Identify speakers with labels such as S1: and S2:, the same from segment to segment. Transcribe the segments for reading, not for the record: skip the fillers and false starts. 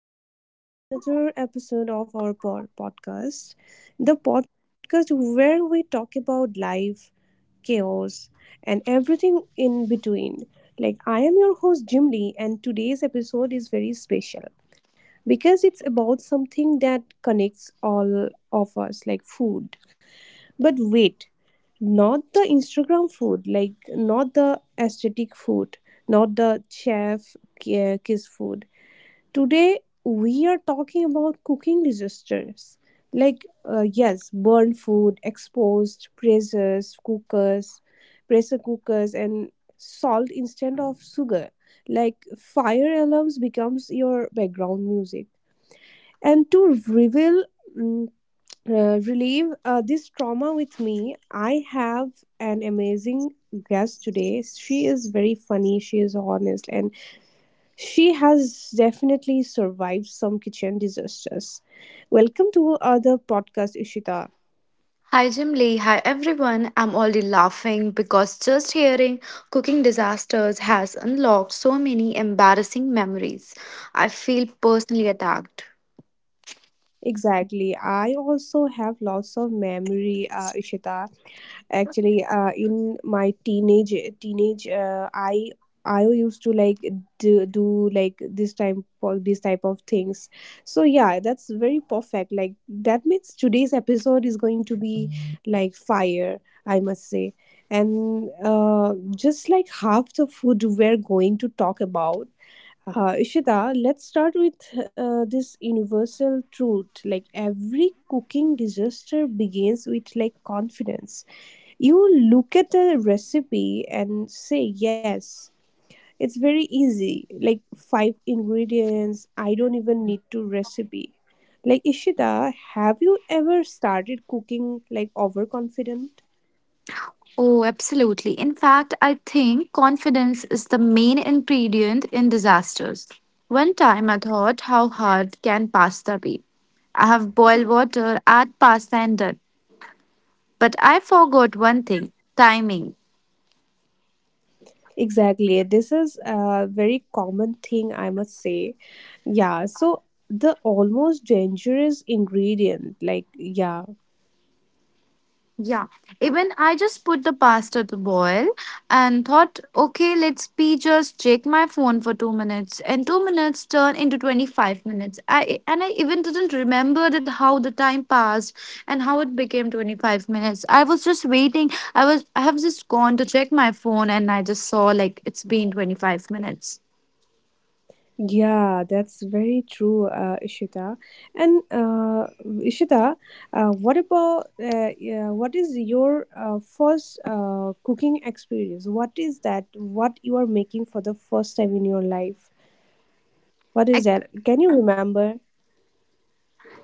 S1: Welcome back to another episode of our podcast, the podcast where we talk about life, chaos, and everything in between. Like, I am your host, Jim Lee, and today's episode is very special because it's about something that connects all of us, like food. But wait, not the Instagram food, like, not the aesthetic food, not the chef kiss food. Today, we are talking about cooking disasters like, yes, burned food, exposed presses, cookers, pressure cookers, and salt instead of sugar. Like, fire alarms becomes your background music. And to reveal, mm, relieve this trauma with me, I have an amazing guest today. She is very funny, she is honest, and she has definitely survived some kitchen disasters. Welcome to other podcast, Ishita.
S2: Hi Jim Lee, hi everyone. I'm already laughing because just hearing cooking disasters has unlocked so many embarrassing memories. I feel personally attacked.
S1: Exactly. I also have lots of memory, Ishita. Actually, in my teenage, uh, I I used to like do like this type for these type of things. So yeah, that's very perfect. Like that means today's episode is going to be like fire, I must say. And just like half the food we're going to talk about. Ishita, let's start with this universal truth. Like every cooking disaster begins with like confidence. You look at a recipe and say, yes, it's very easy. Like five ingredients, I don't even need to recipe. Like Ishita, have you ever started cooking like overconfident?
S2: Oh, absolutely. In fact, I think confidence is the main ingredient in disasters. One time I thought, how hard can pasta be? I have boiled water, add pasta, and done. But I forgot one thing timing.
S1: Exactly. This is a very common thing, I must say. Yeah, so the almost dangerous ingredient, like, yeah.
S2: Yeah, even I just put the pasta to boil and thought, okay, let's be just check my phone for 2 minutes, and 2 minutes turned into 25 minutes. I even didn't remember that how the time passed and how it became 25 minutes. I was just waiting. I have just gone to check my phone and I just saw like it's been 25 minutes.
S1: Yeah, that's very true, Ishita. And Ishita, what about yeah, what is your first cooking experience? What is that? What you are making for the first time in your life? What is that? Can you remember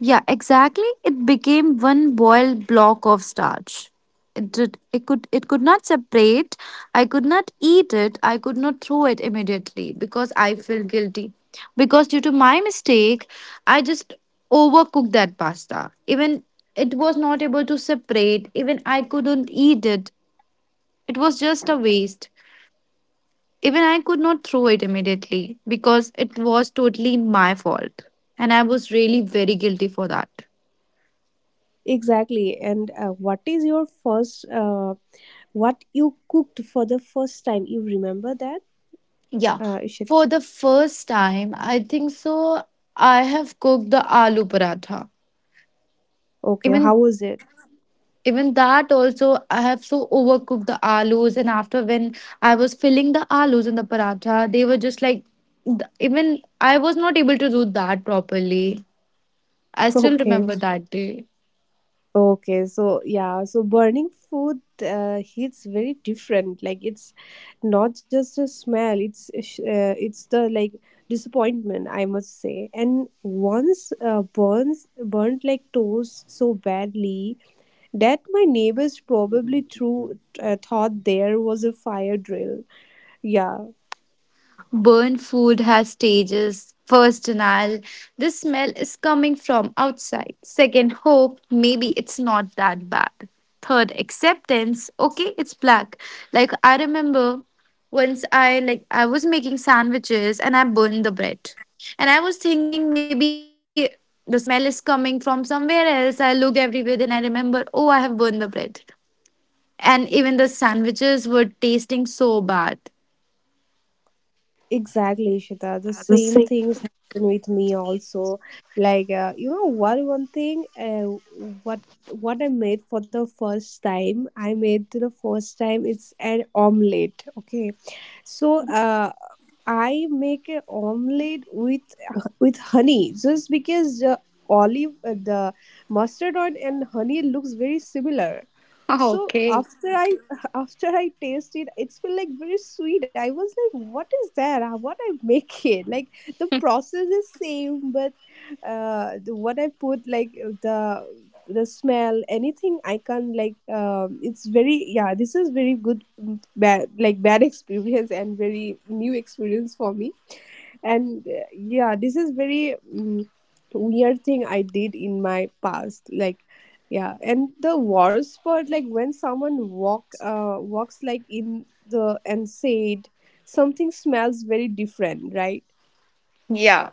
S2: Yeah, exactly. It became one boiled block of starch. It could not separate. I could not eat it. I could not throw it immediately because I felt guilty. Because due to my mistake, I just overcooked that pasta. Even it was not able to separate. Even I couldn't eat it. It was just a waste. Even I could not throw it immediately because it was totally my fault. And I was really very guilty for that.
S1: exactly? And what is your first what you cooked for the first time? You remember that,
S2: Yeah,
S1: Ishita?
S2: for the first time, I think so. I have cooked the aloo paratha.
S1: Okay,
S2: Even
S1: how was it?
S2: even that also, I have so overcooked the aloos, and after when I was filling the aloos in the paratha, they were just like even I was not able to do that properly. I still
S1: Okay,
S2: remember that day.
S1: okay. So yeah, so burning food hits very different. Like it's not just a smell; it's it's the like disappointment, I must say. And once burns burnt like toast so badly that my neighbors probably threw thought there was a fire drill. Yeah.
S2: Burnt food has stages. First denial, the smell is coming from outside. Second, hope, maybe it's not that bad. Third, acceptance, okay, it's black. Like I remember once I was making sandwiches and I burned the bread. And I was thinking maybe the smell is coming from somewhere else. I looked everywhere and I remember, oh, I have burned the bread. And even the sandwiches were tasting so bad.
S1: Exactly, Shita. The same things happen with me also. Like you know, one thing, what what I made for the first time, I made to the first time. It's an omelette. Okay, so I make an omelette with with honey just because the the mustard oil and honey looks very similar. So after I after I tasted, it, it's feel like very sweet. I was like, what is that? Ah, what I make it? Like the process is same, but what I put like the smell, anything I can like. It's very yeah. This is very good, mm, bad like bad experience and very new experience for me and yeah, this is very weird thing I did in my past, like yeah, and the worst part like when someone walks like in the and said something smells very different, right?
S2: Yeah,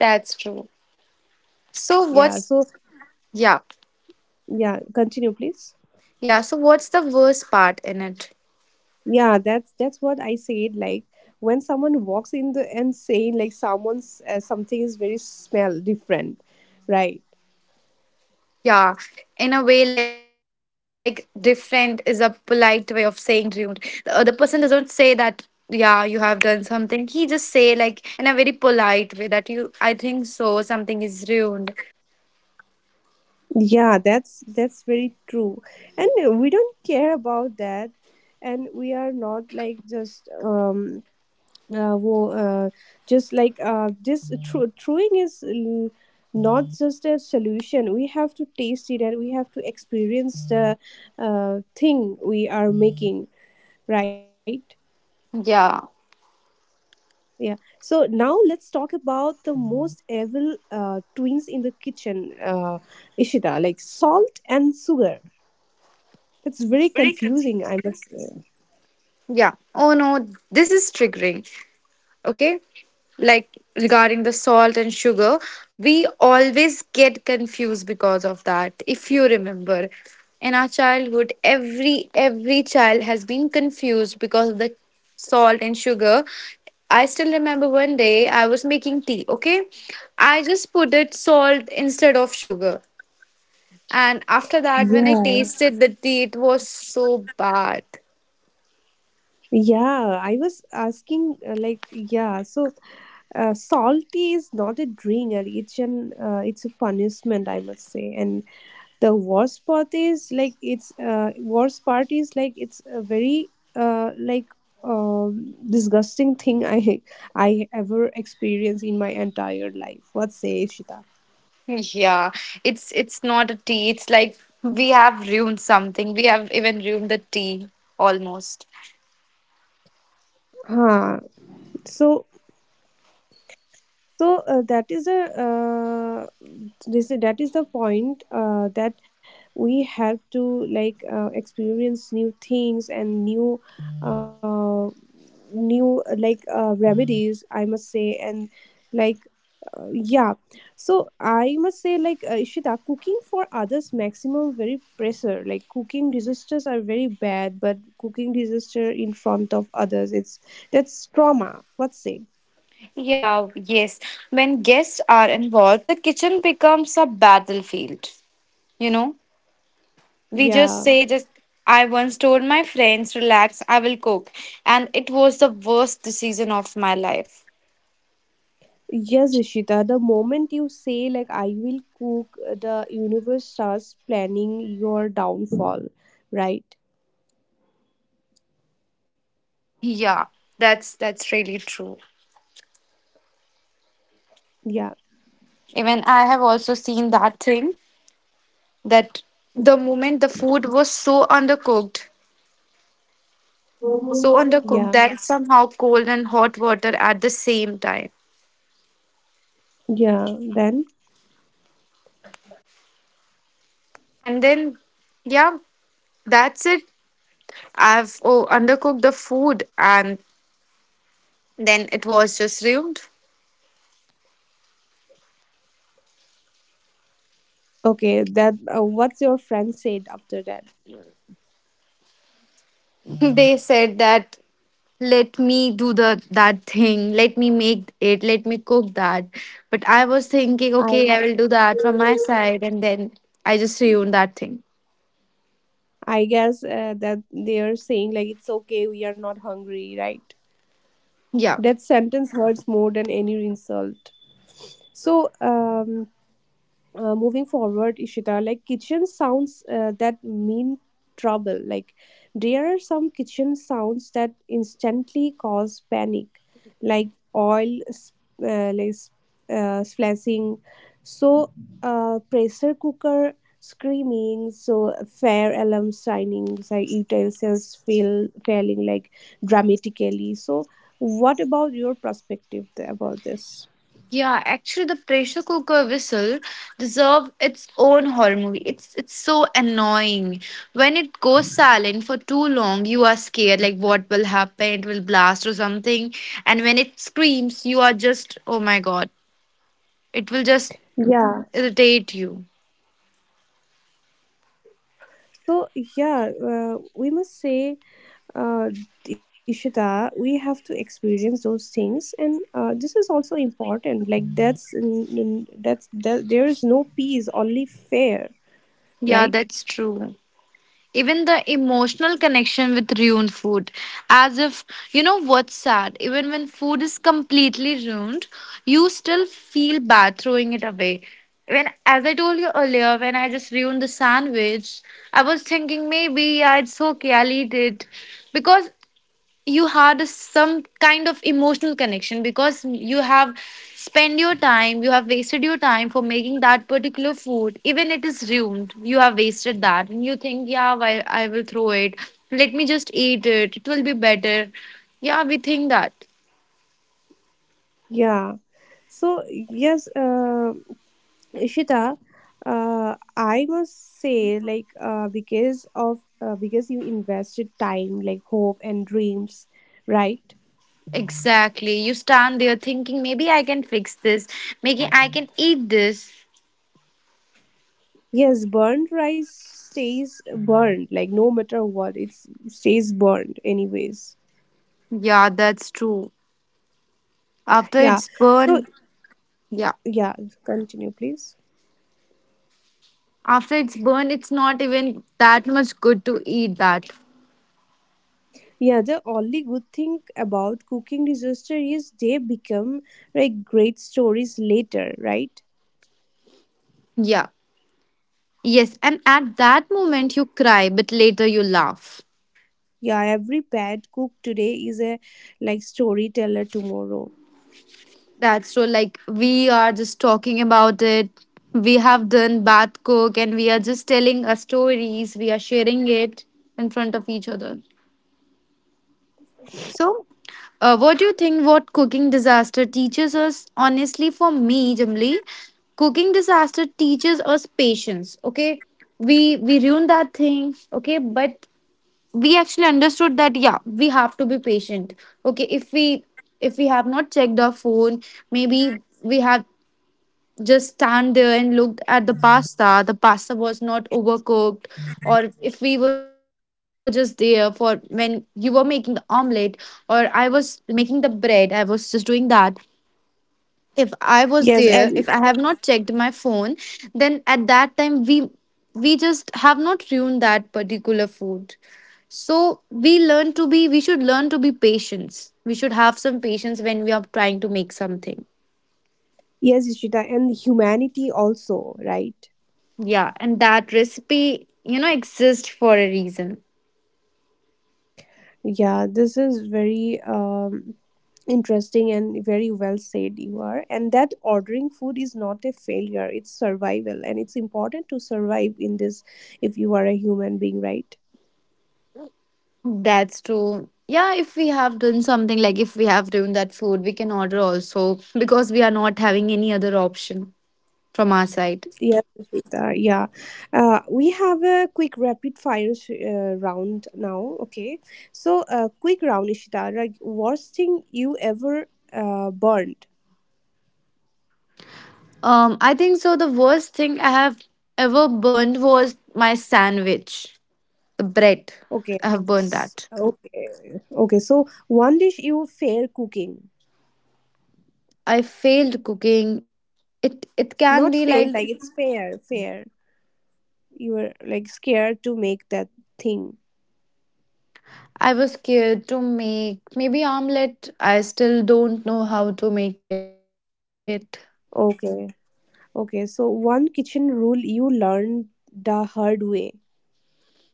S2: that's true. So
S1: Yeah,
S2: what's
S1: so
S2: Yeah.
S1: yeah, continue please.
S2: Yeah, so what's the worst part in it?
S1: Yeah, that's what I said, like when someone walks in the and saying like someone's something is very smell different, right?
S2: Yeah, in a way, like different is a polite way of saying rude. The other person doesn't say that, yeah, you have done something. He just say like in a very polite way that you, I think so, something is ruined.
S3: Yeah, that's very true. And we don't care about that and we are not like just wo- just like this tru- truing is l- not just a solution. We have to taste it and we have to experience the thing we are making, right?
S2: Yeah,
S3: Yeah. So now let's talk about the most evil twins in the kitchen, Ishita, like salt and sugar. It's very confusing, I must say.
S2: yeah. Oh no, this is triggering. Okay, like regarding the salt and sugar, we always get confused because of that. If you remember in our childhood, every child has been confused because of the salt and sugar. I still remember one day I was making tea. Okay, I just put it salt instead of sugar, and after that when I tasted
S3: Yes.
S2: the tea, it was so bad.
S3: Yeah, I was asking like yeah, so salty is not a drink, and it's a punishment, I must say. And the worst part is like it's worst part is like it's a very disgusting thing I ever experienced in my entire life. What say, Shita?
S2: Yeah, it's not a tea. It's like we have ruined something. We have even ruined the tea almost.
S3: Huh. So so uh, that is the point, that we have to experience new things and uh, new remedies I must say and like uh, yeah so I must say ishita cooking for others maximum very pressure like cooking disasters are very bad but cooking disaster in front of others it's that's trauma what's say
S2: Yeah, yes. When guests are involved, the kitchen becomes a battlefield. You know, we just
S3: yeah.
S2: say that I once told my friends, relax, I will cook, and it was the worst decision of my life.
S3: Yes, Ishita, the moment you say, like, I will cook, the universe starts planning your downfall, right?
S2: Yeah, that's really true.
S3: Yeah,
S2: Even I have also seen that thing that the moment the food was so undercooked
S3: yeah,
S2: that. Yeah. Somehow cold and hot water at the same time,
S3: yeah. Then,
S2: and then yeah, that's it. I've Oh, undercooked the food, and then it was just ruined.
S3: okay, that what's your friend said after that?
S2: They said that let me do the that thing, let me make it, let me cook that. But I was thinking
S3: I
S2: okay, I will do that from my side, and then I just ruined that thing.
S3: I guess that they are saying, like, it's okay, we are not hungry, right?
S2: Yeah.
S3: That sentence hurts more than any insult. So, moving forward ishita like kitchen sounds that mean trouble like there are some kitchen sounds that instantly cause panic like oil uh, like s- splashing so pressure cooker screaming so fire alarm signing so utensils failing like dramatically so what about your perspective about this.
S2: Yeah, actually, the pressure cooker whistle deserve its own horror movie. It's so annoying when it goes silent for too long. You are scared, like what will happen? It will blast or something. And when it screams, you are just oh my god! It will just irritate you.
S3: So yeah, we must say, uh, Ishita, we have to experience those things, and this is also important. Like that's n- n- that's that, there is no peace, only fair,
S2: Yeah,
S3: right?
S2: that's true. Even the emotional connection with ruined food, as if, you know what's sad, even when food is completely ruined, you still feel bad throwing it away. When, as I told you earlier, when I just ruined the sandwich, I was thinking maybe yeah, it's okay, I'll eat it, because you had some kind of emotional connection, because you have spent your time, you have wasted your time for making that particular food. Even it is ruined, you have wasted that, and you think yeah, why I will throw it, let me just eat it, it will be better. Yeah, we think that.
S3: Yeah. So yes, Ishita, I must say, like, because you invested time, like hope and dreams, right?
S2: Exactly, you stand there thinking maybe I can fix this, maybe I can eat this.
S3: Yes, burnt rice stays burned, like no matter what, it stays burned anyways.
S2: Yeah, that's true. After
S3: Yeah.
S2: it's
S3: So
S2: burned. Yeah.
S3: yeah, continue, please.
S2: After it's burned, it's not even that much good to eat that.
S3: Yeah, the only good thing about cooking disaster is they become like great stories later, right?
S2: Yeah. Yes. And at that moment, you cry, but later you laugh.
S3: Yeah, every bad cook today is a like storyteller tomorrow.
S2: That's so, like, we are just talking about it. We have done bath cook, and we are just telling our stories. We are sharing it in front of each other. So, what do you think what cooking disaster teaches us? Honestly, for me, Jamli, cooking disaster teaches us patience. Okay, we ruined that thing. Okay, but we actually understood that yeah, we have to be patient. Okay, if we have not checked our phone, maybe we have just stand there and looked at the pasta was not overcooked. Or if we were just there for when you were making the omelette, or I was making the bread, I was just doing that. If I was there,
S3: Yes,
S2: if I
S3: and
S2: have not checked my phone, then at that time we just have not ruined that particular food. So we should learn to be patience, we should have some patience when we are trying to make something.
S3: yes, Ishita, and humanity also, right?
S2: Yeah, and that recipe, exists for a reason.
S3: Yeah, this is very interesting and very well said you are. And that ordering food is not a failure, it's survival, and it's important to survive in this if you are a human being, right?
S2: That's true. Yeah, if we have done something like if we have done that food, we can order also because we are not having any other option from our side.
S3: Yes, Ishita, yeah. We have a quick rapid fire round now, okay? So, quick round, Ishita, like worst thing you ever burned?
S2: I think so. The worst thing I have ever burned was my sandwich, the bread.
S3: Okay.
S2: I have burned
S3: S-
S2: that.
S3: Okay. Okay. So one dish you fear cooking.
S2: I failed cooking. It can
S3: Not
S2: be
S3: fail,
S2: like
S3: like it's fair, fair. You were like scared to make that thing.
S2: I was scared to make maybe omelet. I still don't know how to make it.
S3: Okay. Okay. So one kitchen rule you learned the hard way.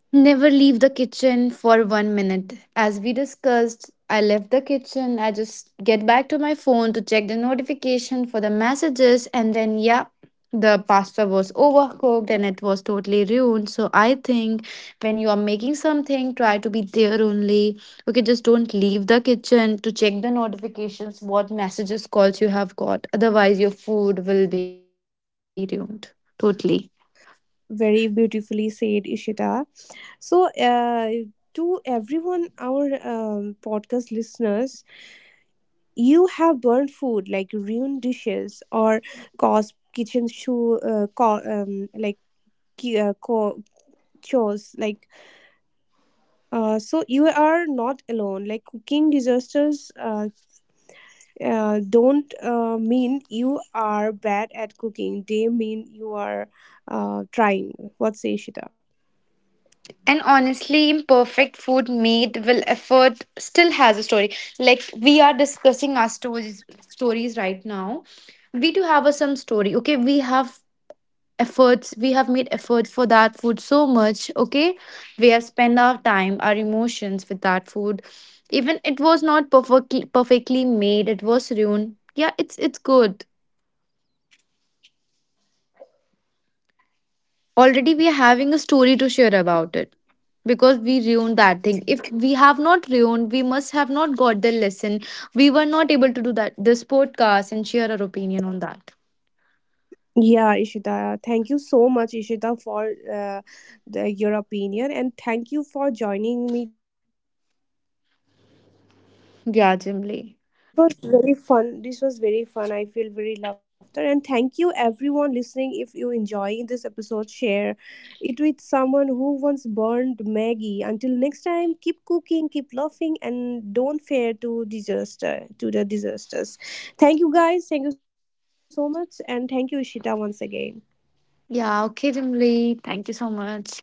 S2: Never leave the kitchen for one minute. As we discussed, I left the kitchen. I just get back to my phone to check the notification for the messages, and then yeah, the pasta was overcooked and it was totally ruined. So I think when you are making something, try to be there only. Okay, just don't leave the kitchen to check the notifications, what messages calls you have got. Otherwise, your food will be ruined totally.
S3: Very beautifully said, Ishita. So to everyone, our podcast listeners, you have burnt food like ruined dishes or caused kitchen shoe, ki- uh, co- chores like so you are not alone like cooking disasters don't mean you are bad at cooking they mean you are trying what say shita
S2: And honestly, imperfect food made will effort still has a story. Like we are discussing our stories right now. We do have a some story. Okay, we have efforts. We have made efforts for that food so much. Okay, we have spent our time, our emotions with that food. Even it was not perfectly made. It was ruined. Yeah, it's good. Already we are having a story to share about it because we ruined that thing. If we have not ruined, we must have not got the lesson. We were not able to do that this podcast and share our opinion on that.
S1: Yeah, Ishita, thank you so much, Ishita, for your opinion, and thank you for joining me.
S2: Yeah, Jimly.
S1: Very fun. This was very fun. I feel very laughter. And thank you, everyone listening. If you enjoy this episode, share it with someone who once burned Maggie. Until next time, keep cooking, keep laughing, and don't fear to disaster to the disasters. Thank you, guys. Thank you so much, and thank you, Ishita, once again.
S2: Yeah, okay, Jimly, thank you so much.